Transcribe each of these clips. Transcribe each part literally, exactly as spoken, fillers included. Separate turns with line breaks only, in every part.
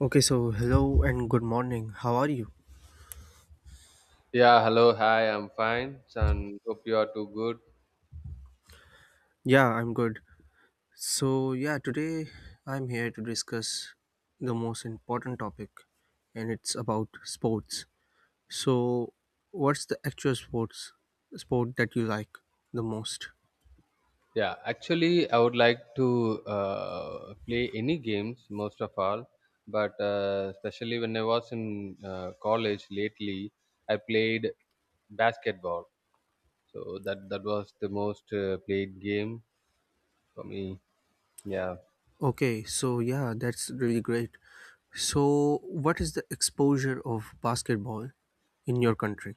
Okay, so hello and good morning. How are you?
Yeah, hello, hi, I'm fine, and hope you are too good.
Yeah, I'm good. So, yeah, today I'm here to discuss the most important topic, and it's about sports. So, what's the actual sports sport that you like the most?
Yeah, actually, I would like to uh, play any games, most of all, but uh, especially when I was in uh, college lately, I played basketball. So that that was the most uh, played game for me. Yeah.
Okay, so yeah, that's really great. So, what is the exposure of basketball in your country?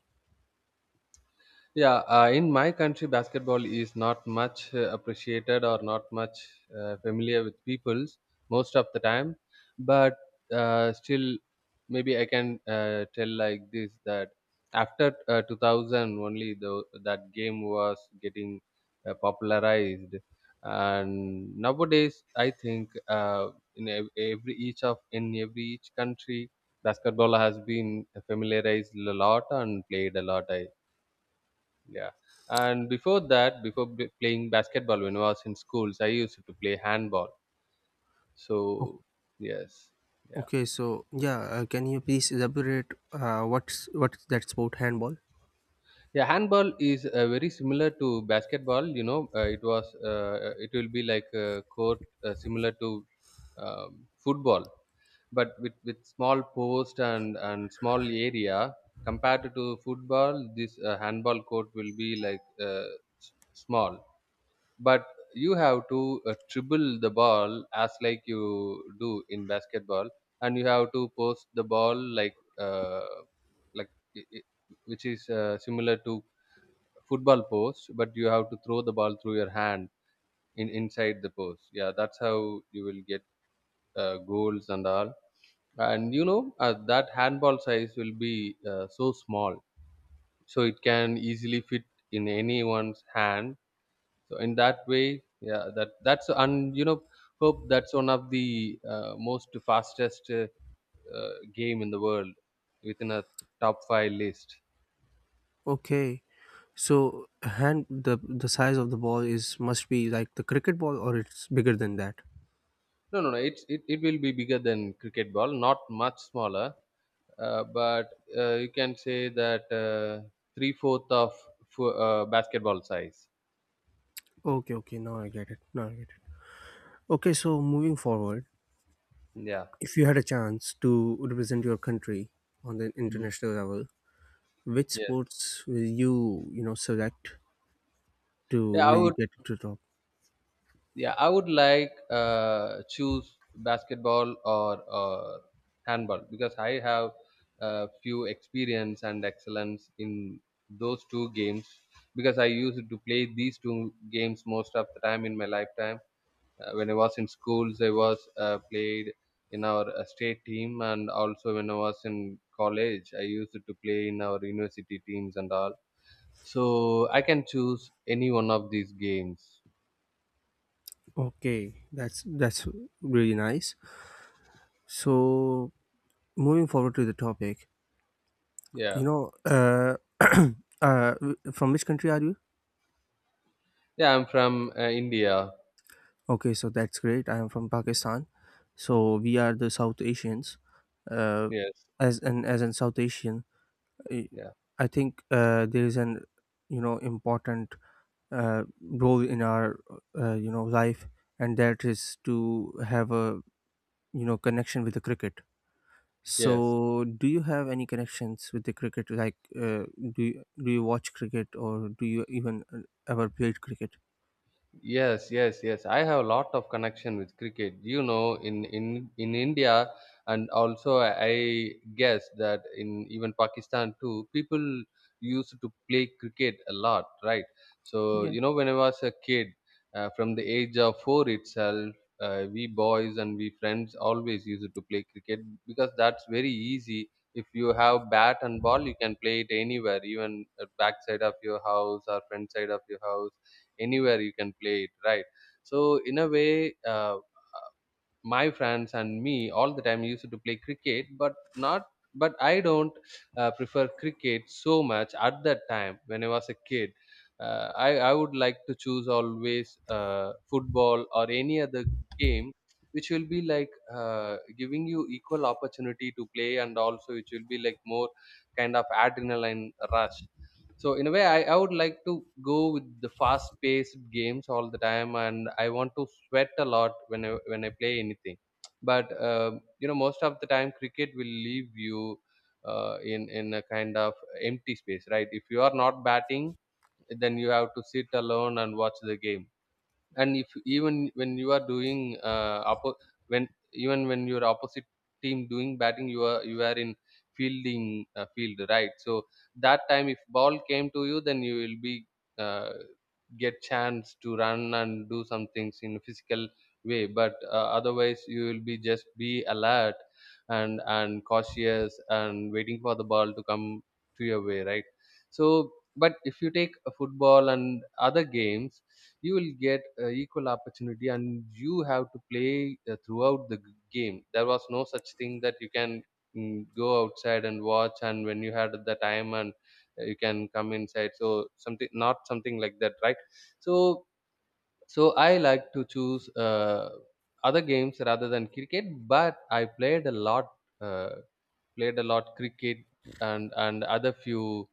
Yeah, uh, in my country, basketball is not much uh, appreciated or not much uh, familiar with peoples most of the time. But uh, still, maybe I can uh, tell like this that after uh, two thousand, only the, that game was getting uh, popularized. And nowadays, I think uh, in ev- every each of in every each country, basketball has been familiarized a lot and played a lot. I yeah. And before that, before b- playing basketball when I was in schools, I used to play handball.
Oh,
So, yes. Yeah.
okay, so yeah, uh, can you please elaborate uh, what's what's that sport handball?
Yeah, handball is uh, very similar to basketball, you know, uh, it was uh, it will be like a court uh, similar to um, football, but with with small post and and small area compared to football, this uh, handball court will be like uh, s- small but you have to uh, dribble the ball as like you do in basketball and you have to post the ball like uh, like i- i- which is uh, similar to football post, but you have to throw the ball through your hand in inside the post. Yeah, that's how you will get uh, goals and all. And you know uh, that handball size will be uh, so small, so it can easily fit in anyone's hand. So in that way, yeah, that that's and you know, hope that's one of the uh, most fastest uh, uh, game in the world within a top five list.
Okay, so hand the the size of the ball is must be like the cricket ball, or it's bigger than that.
No, no, no, it's it, it will be bigger than cricket ball, not much smaller uh, but uh, you can say that uh, three fourth of fo- uh, basketball size.
Okay, okay, now I get it. Now I get it. Okay, so moving forward,
Yeah.
if you had a chance to represent your country on the
Mm.
international level, which
Yes.
sports will you you know select to
Yeah, I
really
would
get to the top?
yeah, I would like uh, choose basketball or, or handball because I have a few experience and excellence in those two games because I used to play these two games most of the time in my lifetime. Uh, when I was in schools, I was uh, played in our uh, state team, and also when I was in college, I used to play in our university teams and all. So I can choose any one of these games.
Okay, that's that's really nice. So moving forward to the topic,
Yeah.
you know, uh, uh, w- from which country are you?
Yeah, I'm from uh, India.
Okay, so that's great. I am from Pakistan, so we are the South Asians. Uh,
Yes.
as an as an South Asian, I
Yeah.
I think uh, there is an you know important uh, role in our uh, you know life, and that is to have a you know connection with the cricket.
Yes.
So, do you have any connections with the cricket? Like, uh, do you, do you watch cricket, or do you even uh, ever played cricket?
Yes, yes, yes. I have a lot of connection with cricket. You know, in in in India, and also I guess that in even Pakistan too, people used to play cricket a lot, right? So
Yeah.
you know, when I was a kid, uh, from the age of four itself, uh, we boys and we friends always used to play cricket because that's very easy. If you have bat and ball, you can play it anywhere, even at back side of your house or front side of your house, anywhere you can play it, right? So in a way, uh, my friends and me all the time used to play cricket. But not, but I don't uh, prefer cricket so much at that time when I was a kid. uh, I, I would like to choose always uh, football or any other game which will be like uh, giving you equal opportunity to play, and also which will be like more kind of adrenaline rush. So in a way, I, I would like to go with the fast paced games all the time, and I want to sweat a lot when i when I play anything. But um you know, most of the time cricket will leave you uh, in in a kind of empty space, right? If you are not batting, then you have to sit alone and watch the game. And if even when you are doing uh, oppo- when even when your opposite team doing batting, you are you are in fielding uh, field, right? So that time if ball came to you, then you will be uh, get chance to run and do some things in physical way. But uh, otherwise you will be just be alert and and cautious and waiting for the ball to come to your way, right? So but if you take a football and other games, you will get uh, equal opportunity and you have to play uh, throughout the g- game. There was no such thing that you can mm, go outside and watch, and when you had the time, and uh, you can come inside. So something, not something like that, right? So so I like to choose uh, other games rather than cricket. But I played a lot, uh, played a lot cricket and and other few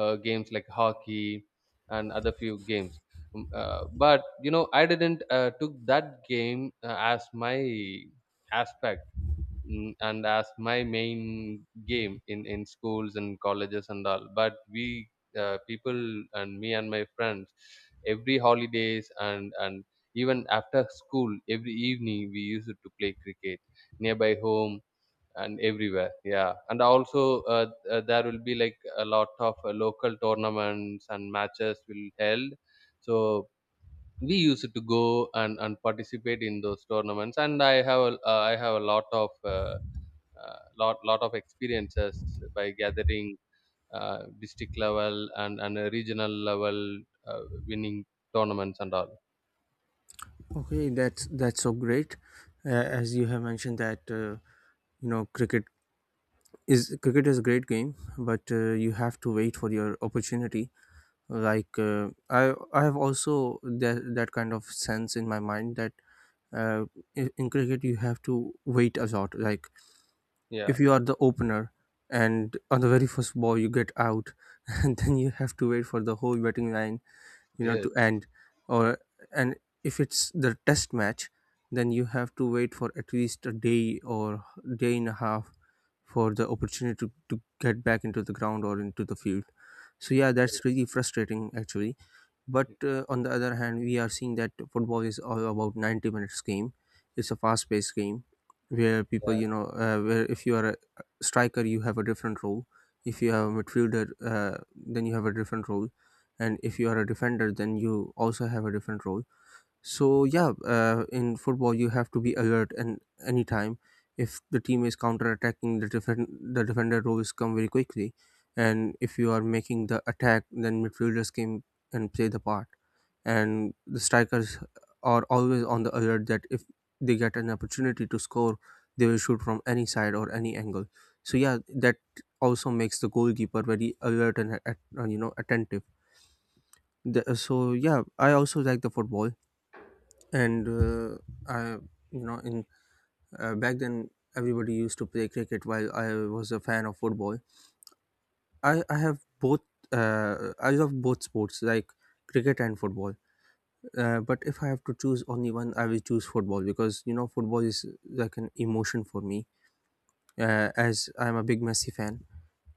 uh, games like hockey and other few games. Um, Uh, but you know, I didn't uh, took that game uh, as my aspect, mm, and as my main game in in schools and colleges and all. But we uh, people and me and my friends every holidays and and even after school every evening we used to play cricket nearby home and everywhere. Yeah, and also uh, uh, there will be like a lot of uh, local tournaments and matches will held. So we used to go and, and participate in those tournaments, and i have a- uh, I have a lot of uh, uh, lot lot of experiences by gathering uh, district level and and a regional level uh, winning tournaments and all.
Okay, that's that's so great. Uh, as you have mentioned that uh, you know cricket is cricket is a great game, but uh, you have to wait for your opportunity. Like uh, I I have also that that kind of sense in my mind that uh, in, in cricket you have to wait a lot. Like
Yeah.
if you are the opener and on the very first ball you get out, and then you have to wait for the whole batting line, you know to
Yes.
end, or and if it's the test match, then you have to wait for at least a day or day and a half for the opportunity to, to get back into the ground or into the field. So yeah, that's really frustrating actually. But uh, on the other hand, we are seeing that football is all about ninety minutes game. It's a fast-paced game where people,
Yeah.
you know, uh, where if you are a striker, you have a different role. If you have a midfielder, uh, then you have a different role, and if you are a defender, then you also have a different role. So yeah, uh, in football you have to be alert, and anytime if the team is counter-attacking, the defend the defender roles come very quickly, and if you are making the attack, then midfielders came and play the part, and the strikers are always on the alert that if they get an opportunity to score, they will shoot from any side or any angle. So yeah, that also makes the goalkeeper very alert and at, you know attentive. The, so yeah, I also like the football, and uh, I, you know, in uh, back then everybody used to play cricket while I was a fan of football. I I have both. Uh, I love both sports, like cricket and football. Uh, but if I have to choose only one, I will choose football because you know football is like an emotion for me. Uh, as I'm a big Messi fan,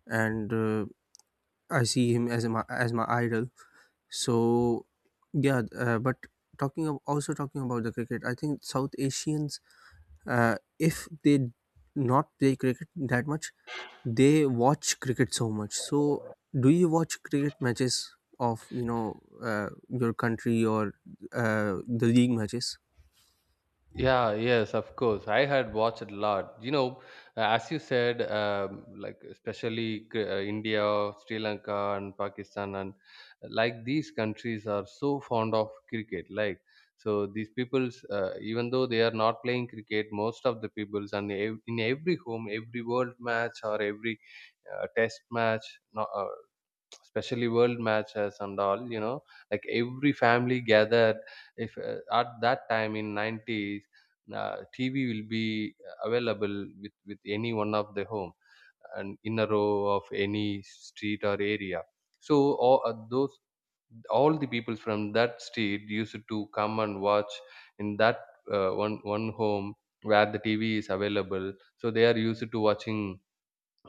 and uh, I see him as my as my idol. So yeah, uh, but talking of, also talking about the cricket, I think South Asians, uh, if they not play cricket that much, they watch cricket so much. So do you watch cricket matches of you know uh, your country, or uh, the league matches?
Yeah, yes, of course, I had watched a lot. You know, uh, as you said, um, like especially K- uh, India, Sri Lanka, and Pakistan, and uh, like these countries are so fond of cricket. Like, so these peoples, uh, even though they are not playing cricket, most of the peoples, and ev- in every home, every world match or every uh, test match, no, uh, especially world matches and all you know, like every family gathered if uh, at that time in nineties uh, TV will be uh, available with with any one of the home and in a row of any street or area. So all, uh, those all the people from that street used to come and watch in that uh, one one home where the TV is available. So they are used to watching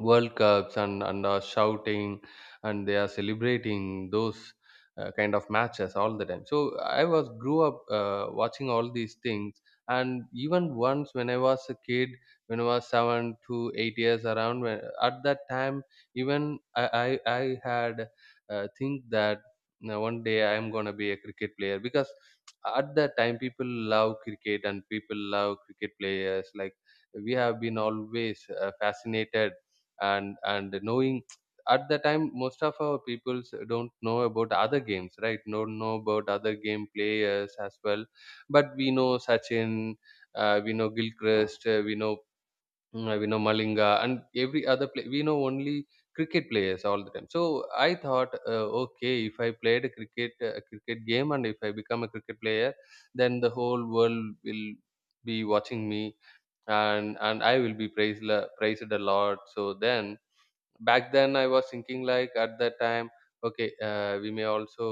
World Cups and and are shouting and they are celebrating those uh, kind of matches all the time. So I was grew up uh, watching all these things. And even once when I was a kid, when I was seven to eight years around, when, at that time even I I, I had uh, think that you one day I am gonna be a cricket player, because at that time people love cricket and people love cricket players. Like we have been always uh, fascinated and and knowing at the time most of our peoples don't know about other games, right? Don't know about other game players as well. But we know Sachin, uh, we know Gilchrist, uh, we know mm, uh, we know Malinga, and every other play we know only cricket players all the time. So I thought, uh, okay, if I played a cricket a cricket game and if I become a cricket player, then the whole world will be watching me, and and I will be praised la- praised a lot. So then back then I was thinking like at that time, okay, uh, we may also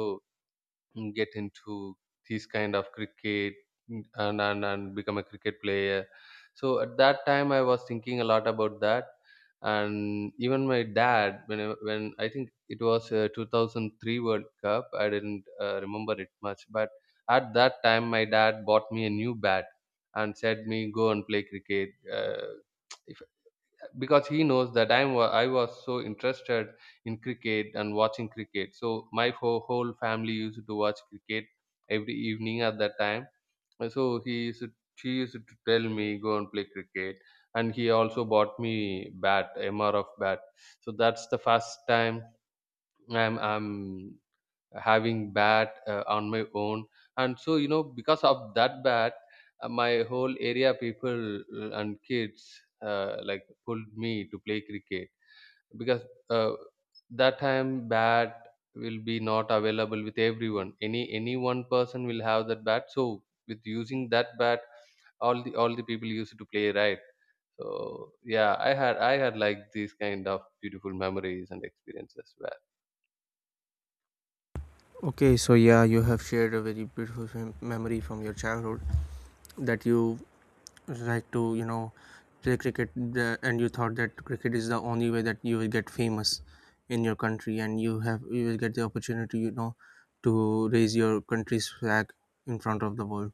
mm, get into this kind of cricket, mm, and, and and become a cricket player. So at that time I was thinking a lot about that. And even my dad when I, when I think it was uh, two thousand three world cup, I didn't uh, remember it much, but at that time my dad bought me a new bat and said me go and play cricket, uh, if because he knows that I'm wa- I was so interested in cricket and watching cricket. So my whole, whole family used to watch cricket every evening at that time. And so he used to, she used to tell me go and play cricket, and he also bought me bat, M R F bat. So that's the first time I'm I'm having bat uh, on my own. And so you know, because of that bat, uh, my whole area people uh, and kids uh, like pulled me to play cricket, because uh, that time bat will be not available with everyone. Any any one person will have that bat. So with using that bat, all the all the people used to play, right? So yeah, i had I had like these kind of beautiful memories and experiences as well.
Okay, so yeah, you have shared a very beautiful mem- memory from your childhood, that you like to you know play cricket the, and you thought that cricket is the only way that you will get famous in your country, and you have you will get the opportunity, you know to raise your country's flag in front of the world.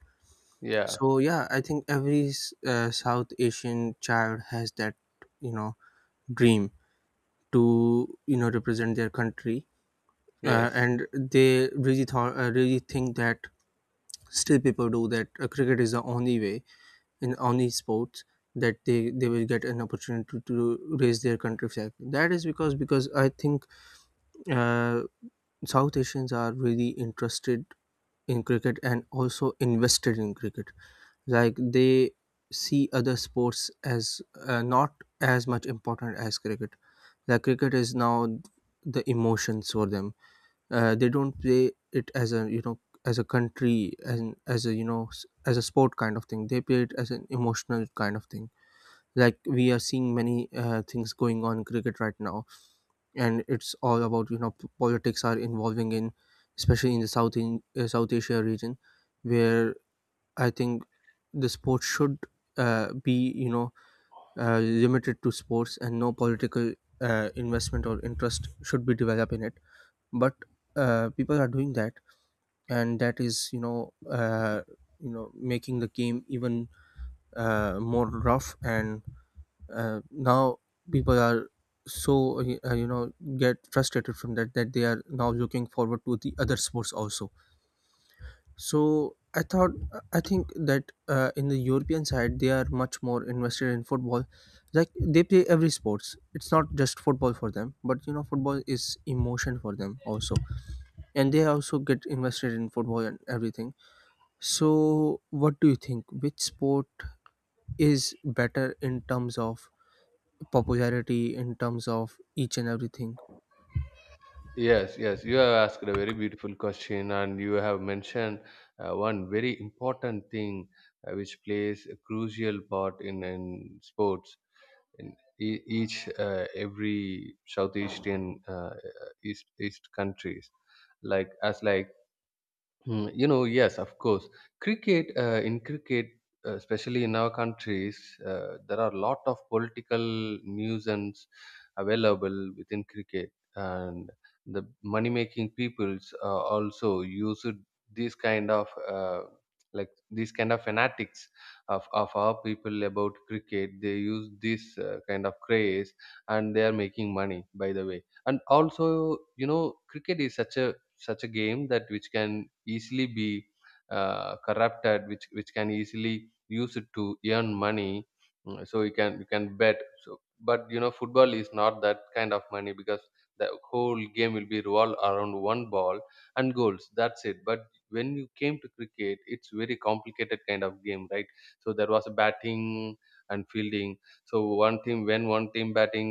Yeah.
So yeah, I think every s- uh, South Asian child has that you know dream to you know represent their country, uh,
Yes.
and they really thought uh, really think that, still people do that, uh, cricket is the only way in on these sports, that they they will get an opportunity to, to raise their country flag. That is because because I think uh, South Asians are really interested in cricket and also invested in cricket. Like, they see other sports as uh, not as much important as cricket. Like, cricket is now the emotions for them. Uh, they don't play it as a you know as a country, and as a you know s- as a sport kind of thing. They play it as an emotional kind of thing. Like, we are seeing many uh, things going on in cricket right now, and it's all about you know p- politics are involving in, especially in the south in uh, South Asia region, where I think the sport should uh, be you know uh, limited to sports, and no political uh, investment or interest should be developed in it. But uh, people are doing that, and that is you know uh, you know making the game even uh, more rough, and uh, now people are so uh, you know get frustrated from that, that they are now looking forward to the other sports also. So i thought I think that uh, in the European side they are much more invested in football. Like, they play every sports. It's not just football for them, but you know football is emotion for them also, and they also get invested in football and everything. So what do you think, which sport is better in terms of popularity, in terms of each and everything?
Yes, yes, you have asked a very beautiful question, and you have mentioned uh, one very important thing uh, which plays a crucial part in, in sports. In e- each, uh, every South Asian uh, East East countries, like as like Hmm, you know, yes, of course. Cricket, uh, in cricket, uh, especially in our countries, uh, there are a lot of political nuisance available within cricket, and the money-making peoples uh, also use it- these kind of uh, like these kind of fanatics of, of our people about cricket. They use this uh, kind of craze, and they are making money. By the way, and also you know, cricket is such a such a game that which can easily be uh, corrupted, which which can easily use it to earn money. Mm, so you can, you can bet. So but you know, football is not that kind of money because the whole game will be revolved around one ball and goals, that's it. But when you came to cricket, it's very complicated kind of game, right? So there was a batting and fielding. So one team, when one team batting,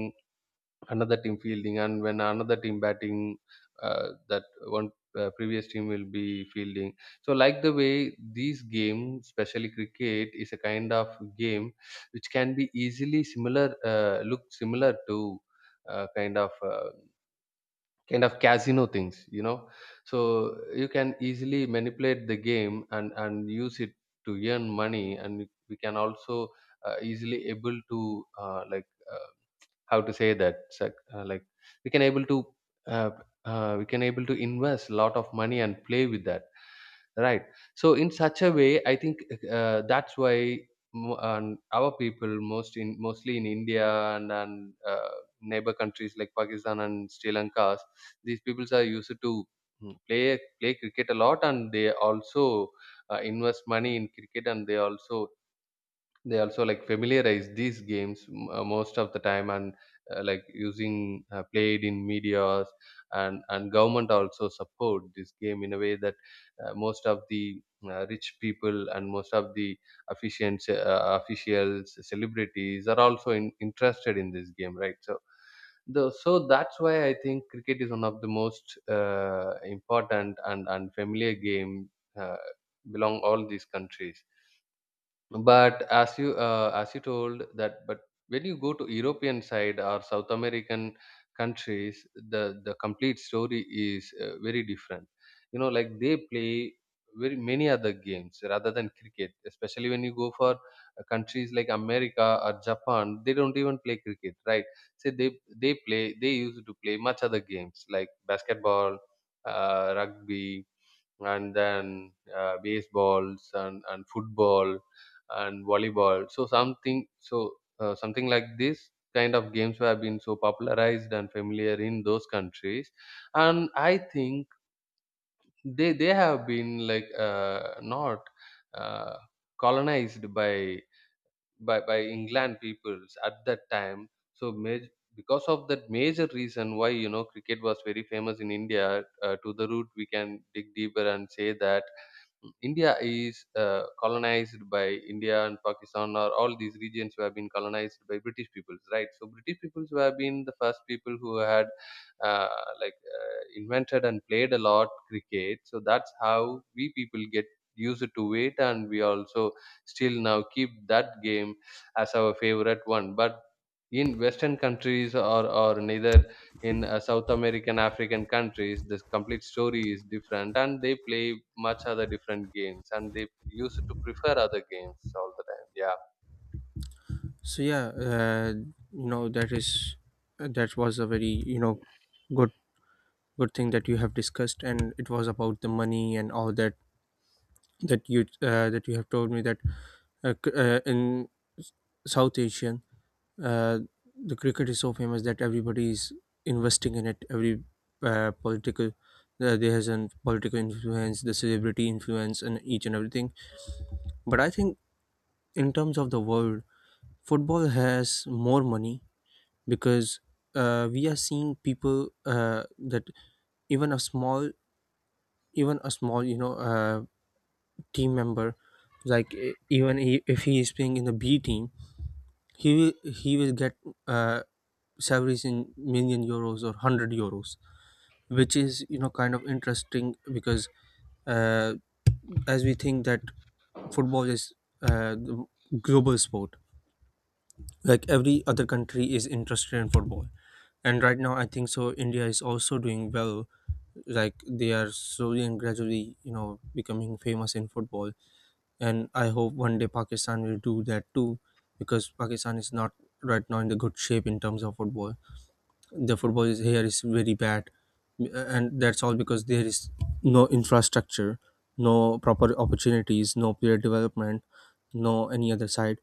another team fielding, and when another team batting, uh, that one, uh, previous team will be fielding. So like the way these games, especially cricket is a kind of game which can be easily similar, uh, look similar to uh, kind of uh, kind of casino things, you know. So you can easily manipulate the game and and use it to earn money, and we can also uh, easily able to, uh, like uh, how to say that, sec- uh, like we can able to, uh, uh, we can able to invest a lot of money and play with that, right? So in such a way, I think, uh, that's why, mo- and our people most, in mostly in India, and, and uh, neighbor countries like Pakistan and Sri Lanka, these peoples are used to, mm, play, play cricket a lot, and they also uh, invest money in cricket, and they also, they also like familiarize these games, m- uh, most of the time, and uh, like using, uh, played in medias, and and government also support this game in a way that uh, most of the uh, rich people and most of the officiants uh, officials, celebrities are also in, interested in this game, right? So the, so that's why I think cricket is one of the most uh, important and and familiar game, uh, belong all these countries. But as you, uh, as you told that, but when you go to European side or South American countries, the the complete story is uh, very different. You know, like they play very many other games rather than cricket. Especially when you go for uh, countries like America or Japan, they don't even play cricket, right? So they they play, they used to play much other games like basketball, uh, rugby, and then uh, baseballs and, and football and volleyball. So something, so uh, something like this kind of games have been so popularized and familiar in those countries, and I think they they have been like, uh, not, uh, colonized by, by by England peoples at that time. So major, because of that major reason why, you know, cricket was very famous in India. Uh, to the root, we can dig deeper and say that India is uh, colonized by, India and Pakistan or all these regions who have been colonized by British peoples, right? So British peoples who have been the first people who had, uh, like uh, invented and played a lot cricket. So that's how we people get used to it, and we also still now keep that game as our favorite one. But in Western countries, or or neither in uh, South American, African countries, this complete story is different, and they play much other different games, and they used to prefer other games all the time. Yeah,
So yeah, uh, you know that is that was a very you know good good thing that you have discussed, and it was about the money and all that, that you uh, that you have told me that, uh, c- uh, in South Asian uh, the cricket is so famous that everybody is investing in it. Every uh, political uh, there has an political influence, the celebrity influence, and each and everything. But I think in terms of the world, football has more money, because uh, we are seeing people uh, that even a small, even a small, you know, uh, team member, like e- even he, if he is playing in the B team, he will he will get uh, salaries in million euros or hundred euros, which is you know kind of interesting because, uh, as we think that football is uh, the global sport, like every other country is interested in football, and right now I think so India is also doing well. Like, they are slowly and gradually you know becoming famous in football, and I hope one day Pakistan will do that too, because Pakistan is not right now in the good shape in terms of football. The football is here is very bad, uh, and that's all because there is no infrastructure, no proper opportunities, no player development, no any other side.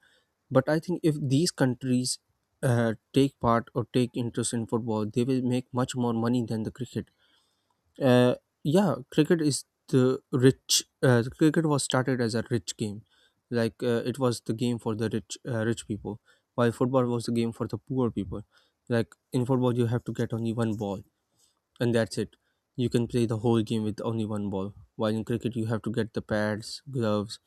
But I think if these countries uh, take part or take interest in football, they will make much more money than the cricket. Uh, yeah, cricket is the rich. Uh, cricket was started as a rich game, like uh, it was the game for the rich, uh, rich people, while football was the game for the poor people. Like in football, you have to get only one ball, and that's it. You can play the whole game with only one ball. While in cricket, you have to get the pads, gloves,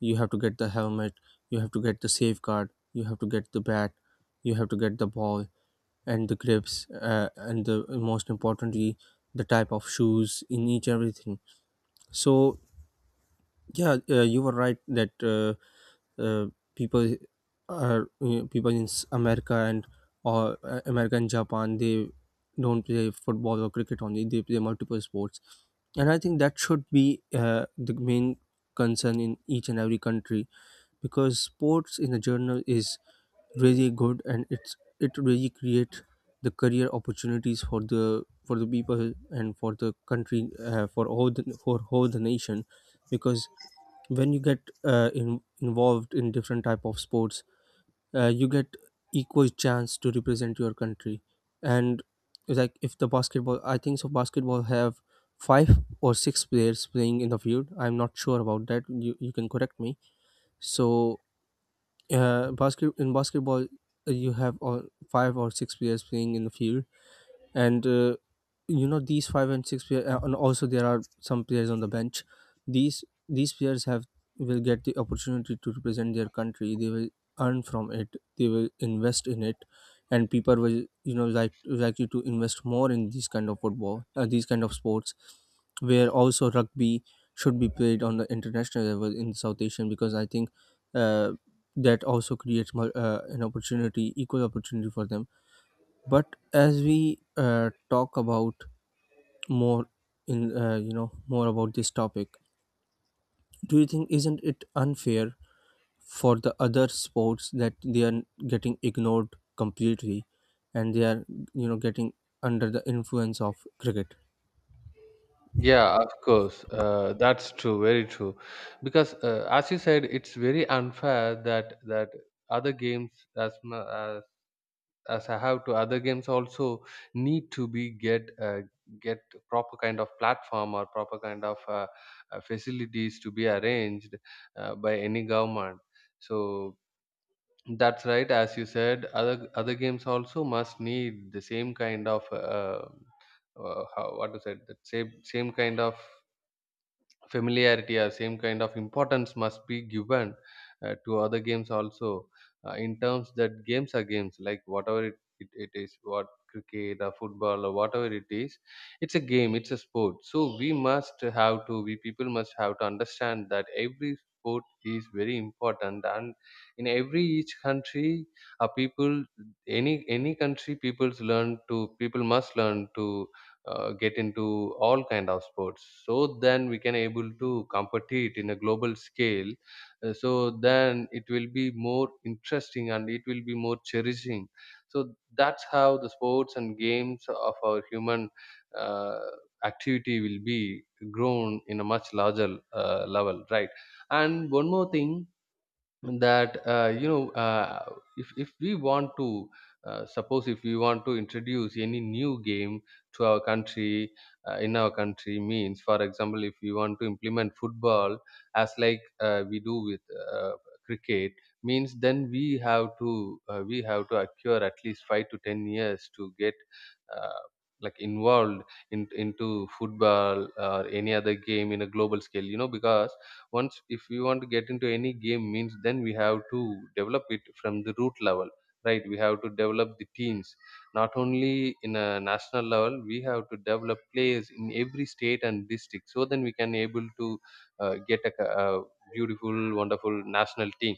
you have to get the helmet, you have to get the safeguard, you have to get the bat, you have to get the ball, and the grips, uh, and the most importantly the type of shoes in each everything. So yeah, uh, you were right that uh, uh, people are uh, people in s- America, and or uh, America and Japan, they don't play football or cricket only. They play multiple sports, and I think that should be uh, the main concern in each and every country, because sports in a journal is really good, and it's it really creates the career opportunities for the for the people and for the country, uh, for all the for whole the nation. Because when you get uh, in, involved in different type of sports, uh, you get equal chance to represent your country. And like if the basketball, I think so basketball have five or six players playing in the field. I'm not sure about that, you, you can correct me. So uh, basket in basketball, uh, you have all five or six players playing in the field, and uh, you know these five and six players, uh, and also there are some players on the bench. These these players have will get the opportunity to represent their country. They will earn from it. They will invest in it, and people will you know like likely to invest more in these kind of football, uh, these kind of sports, where also rugby should be played on the international level in South Asian, because I think uh, that also creates more, uh, an opportunity, equal opportunity for them. But as we uh, talk about more in uh, you know more about this topic, do you think, isn't it unfair for the other sports that they are getting ignored completely, and they are you know getting under the influence of cricket?
yeah, of course, uh, that's true, very true. Because uh, as you said, it's very unfair that that other games as, mu- as as I have to, other games also need to be get uh, get proper kind of platform or proper kind of uh, uh, facilities to be arranged uh, by any government. So that's right, as you said, other other games also must need the same kind of, uh, uh, how, what is it? That same same kind of familiarity or same kind of importance must be given uh, to other games also, uh, in terms that games are games, like whatever it, it, it is, what cricket or football or whatever it is, it's a game, it's a sport. So we must have to, we people must have to understand that every sport is very important, and in every each country, uh, people, any any country people's learn to, people must learn to uh, get into all kind of sports, so then we can able to compete in a global scale. Uh, so then it will be more interesting and it will be more cherishing. So that's how the sports and games of our human uh, activity will be grown in a much larger uh, level, right? And one more thing, that uh, you know uh, if, if we want to, uh, suppose if we want to introduce any new game to our country, uh, in our country means, for example, if we want to implement football as like, uh, we do with uh, cricket means, then we have to, uh, we have to acquire at least five to ten years to get, uh, like involved in, into football or any other game in a global scale, you know, because once if we want to get into any game means, then we have to develop it from the root level, right? We have to develop the teams not only in a national level, we have to develop players in every state and district, so then we can able to uh, get a, ca- a beautiful, wonderful national team.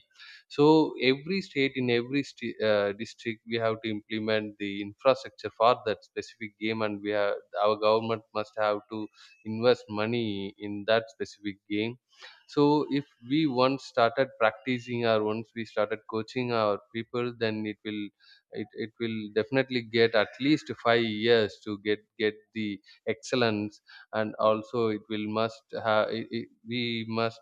So every state, in every sti- uh, district, we have to implement the infrastructure for that specific game, and we have, our government must have to invest money in that specific game. So if we once started practicing or once we started coaching our people, then it will, it, it will definitely get at least five years to get get the excellence. And also it will must have, it, it, we must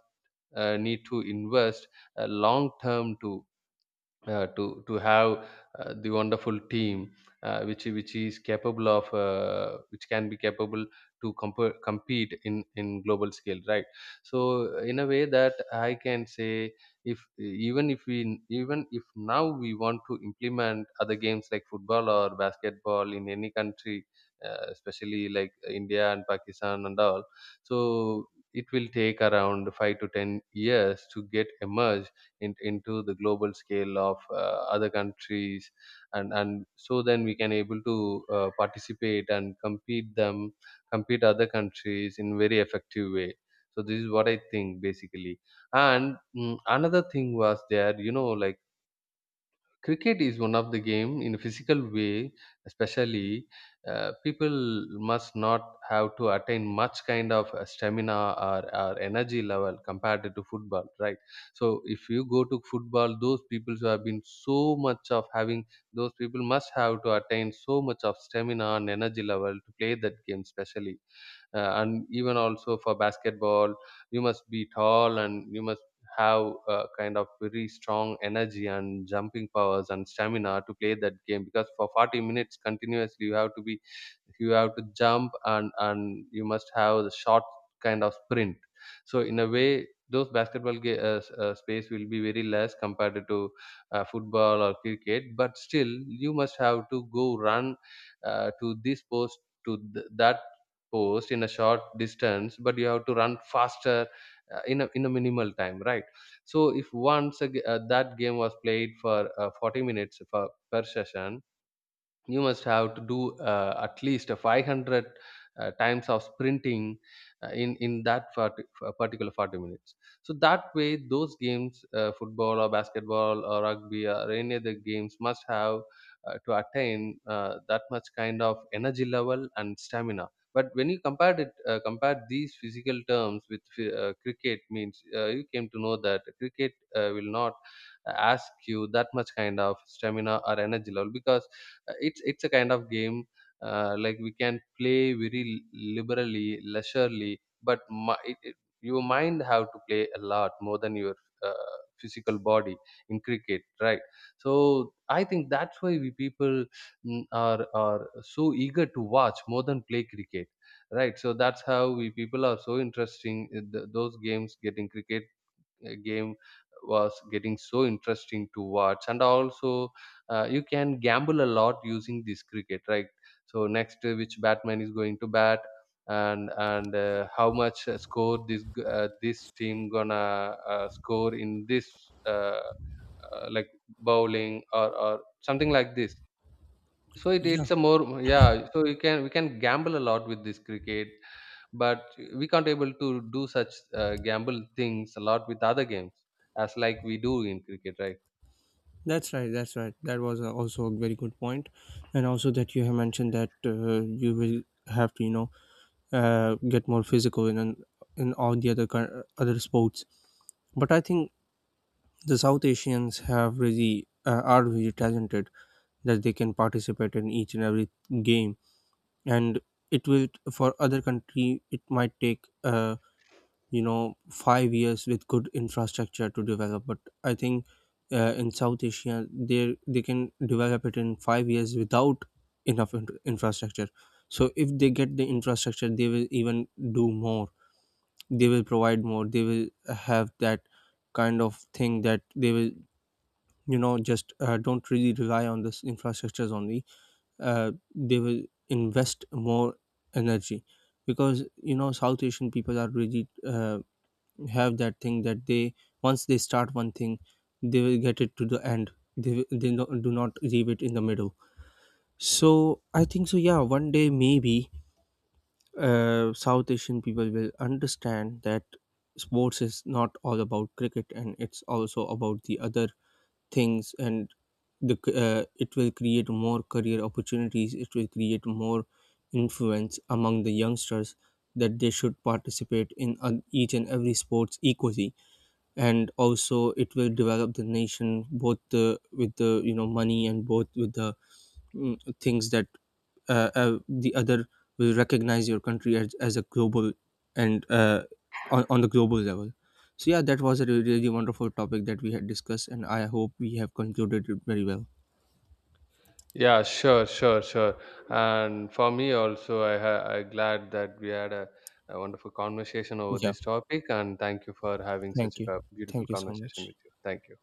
uh, need to invest uh, long term to, uh, to to have uh, the wonderful team, uh, which which is capable of, uh, which can be capable to comp- compete in in global scale, right? So in a way that I can say, if even if we, even if now we want to implement other games like football or basketball in any country, uh, especially like India and Pakistan and all, so it will take around five to ten years to get emerged in, into the global scale of uh, other countries, and and so then we can able to uh, participate and compete them, compete other countries in very effective way. So this is what I think basically. And mm, another thing was there, you know, like cricket is one of the game in a physical way, especially uh, people must not have to attain much kind of uh, stamina or, or energy level compared to football, right? So if you go to football, those people who have been so much of having, those people must have to attain so much of stamina and energy level to play that game, especially. Uh, and even also for basketball, you must be tall, and you must have a kind of very strong energy and jumping powers and stamina to play that game, because for forty minutes continuously you have to be, you have to jump, and and you must have the short kind of sprint. So in a way, those basketball ga- uh, s- uh, space will be very less compared to uh, football or cricket, but still you must have to go run, uh, to this post to th- that post in a short distance, but you have to run faster, uh, in a in a minimal time, right? So if once a, g- uh, that game was played for uh, forty minutes for, per session, you must have to do, uh, at least a five hundred uh, times of sprinting uh, in in that forty, uh, particular forty minutes. So that way, those games, uh, football or basketball or rugby or any other games must have uh, to attain, uh, that much kind of energy level and stamina. But when you compared it, uh, compared these physical terms with uh, cricket means, uh, you came to know that cricket uh, will not ask you that much kind of stamina or energy level, because uh, it's it's a kind of game, uh, like we can play very liberally, leisurely, but my, it, it, your mind have to play a lot more than your uh, physical body in cricket, right? So I think that's why we people mm, are are so eager to watch more than play cricket, right? So that's how we people are so interesting in th- those games, getting cricket uh, game was getting so interesting to watch. And also uh, you can gamble a lot using this cricket, right? So next, uh, which batman is going to bat, and and uh, how much uh, score this g- uh, this team gonna uh, score in this uh, uh, like bowling or or something like this. So it,
Yeah,
it's a more, yeah, so you can we can gamble a lot with this cricket. But we can't able to do such uh, gamble things a lot with other games as like we do in cricket, right?
that's right. That's right. That was uh, also a very good point, and also that you have mentioned that uh, you will have to, you know, uh, get more physical in an- in all the other kin- other sports. But I think the South Asians have really uh, are really talented, that they can participate in each and every game, and it will for other country it might take uh, you know five years with good infrastructure to develop, but I think uh, in South Asia they they can develop it in five years without enough in- infrastructure. So if they get the infrastructure, they will even do more. They will provide more. They will have that kind of thing that they will you know just uh, don't really rely on this infrastructures only. Uh, they will invest more energy, because you know South Asian people are really uh, have that thing that they once they start one thing, they will get it to the end. they, they no, do not leave it in the middle. So I think so yeah, one day maybe uh, South Asian people will understand that sports is not all about cricket, and it's also about the other things, and the c- uh, it will create more career opportunities, it will create more influence among the youngsters, that they should participate in on each and every sports equally, and also it will develop the nation, both the, with the you know money, and both with the mm, things that uh, uh, the other will recognize your country as, as a global, and uh, on, on the global level. So yeah, that was a re- really wonderful topic that we had discussed, and I hope we have concluded it very well.
Yeah, sure, sure, sure. And for me also, I ha I glad that we had a, a wonderful conversation over
Yeah,
this topic, and thank you for having such
thank
a
you.
co- beautiful
Thank you so
conversation
much.
with you. Thank you.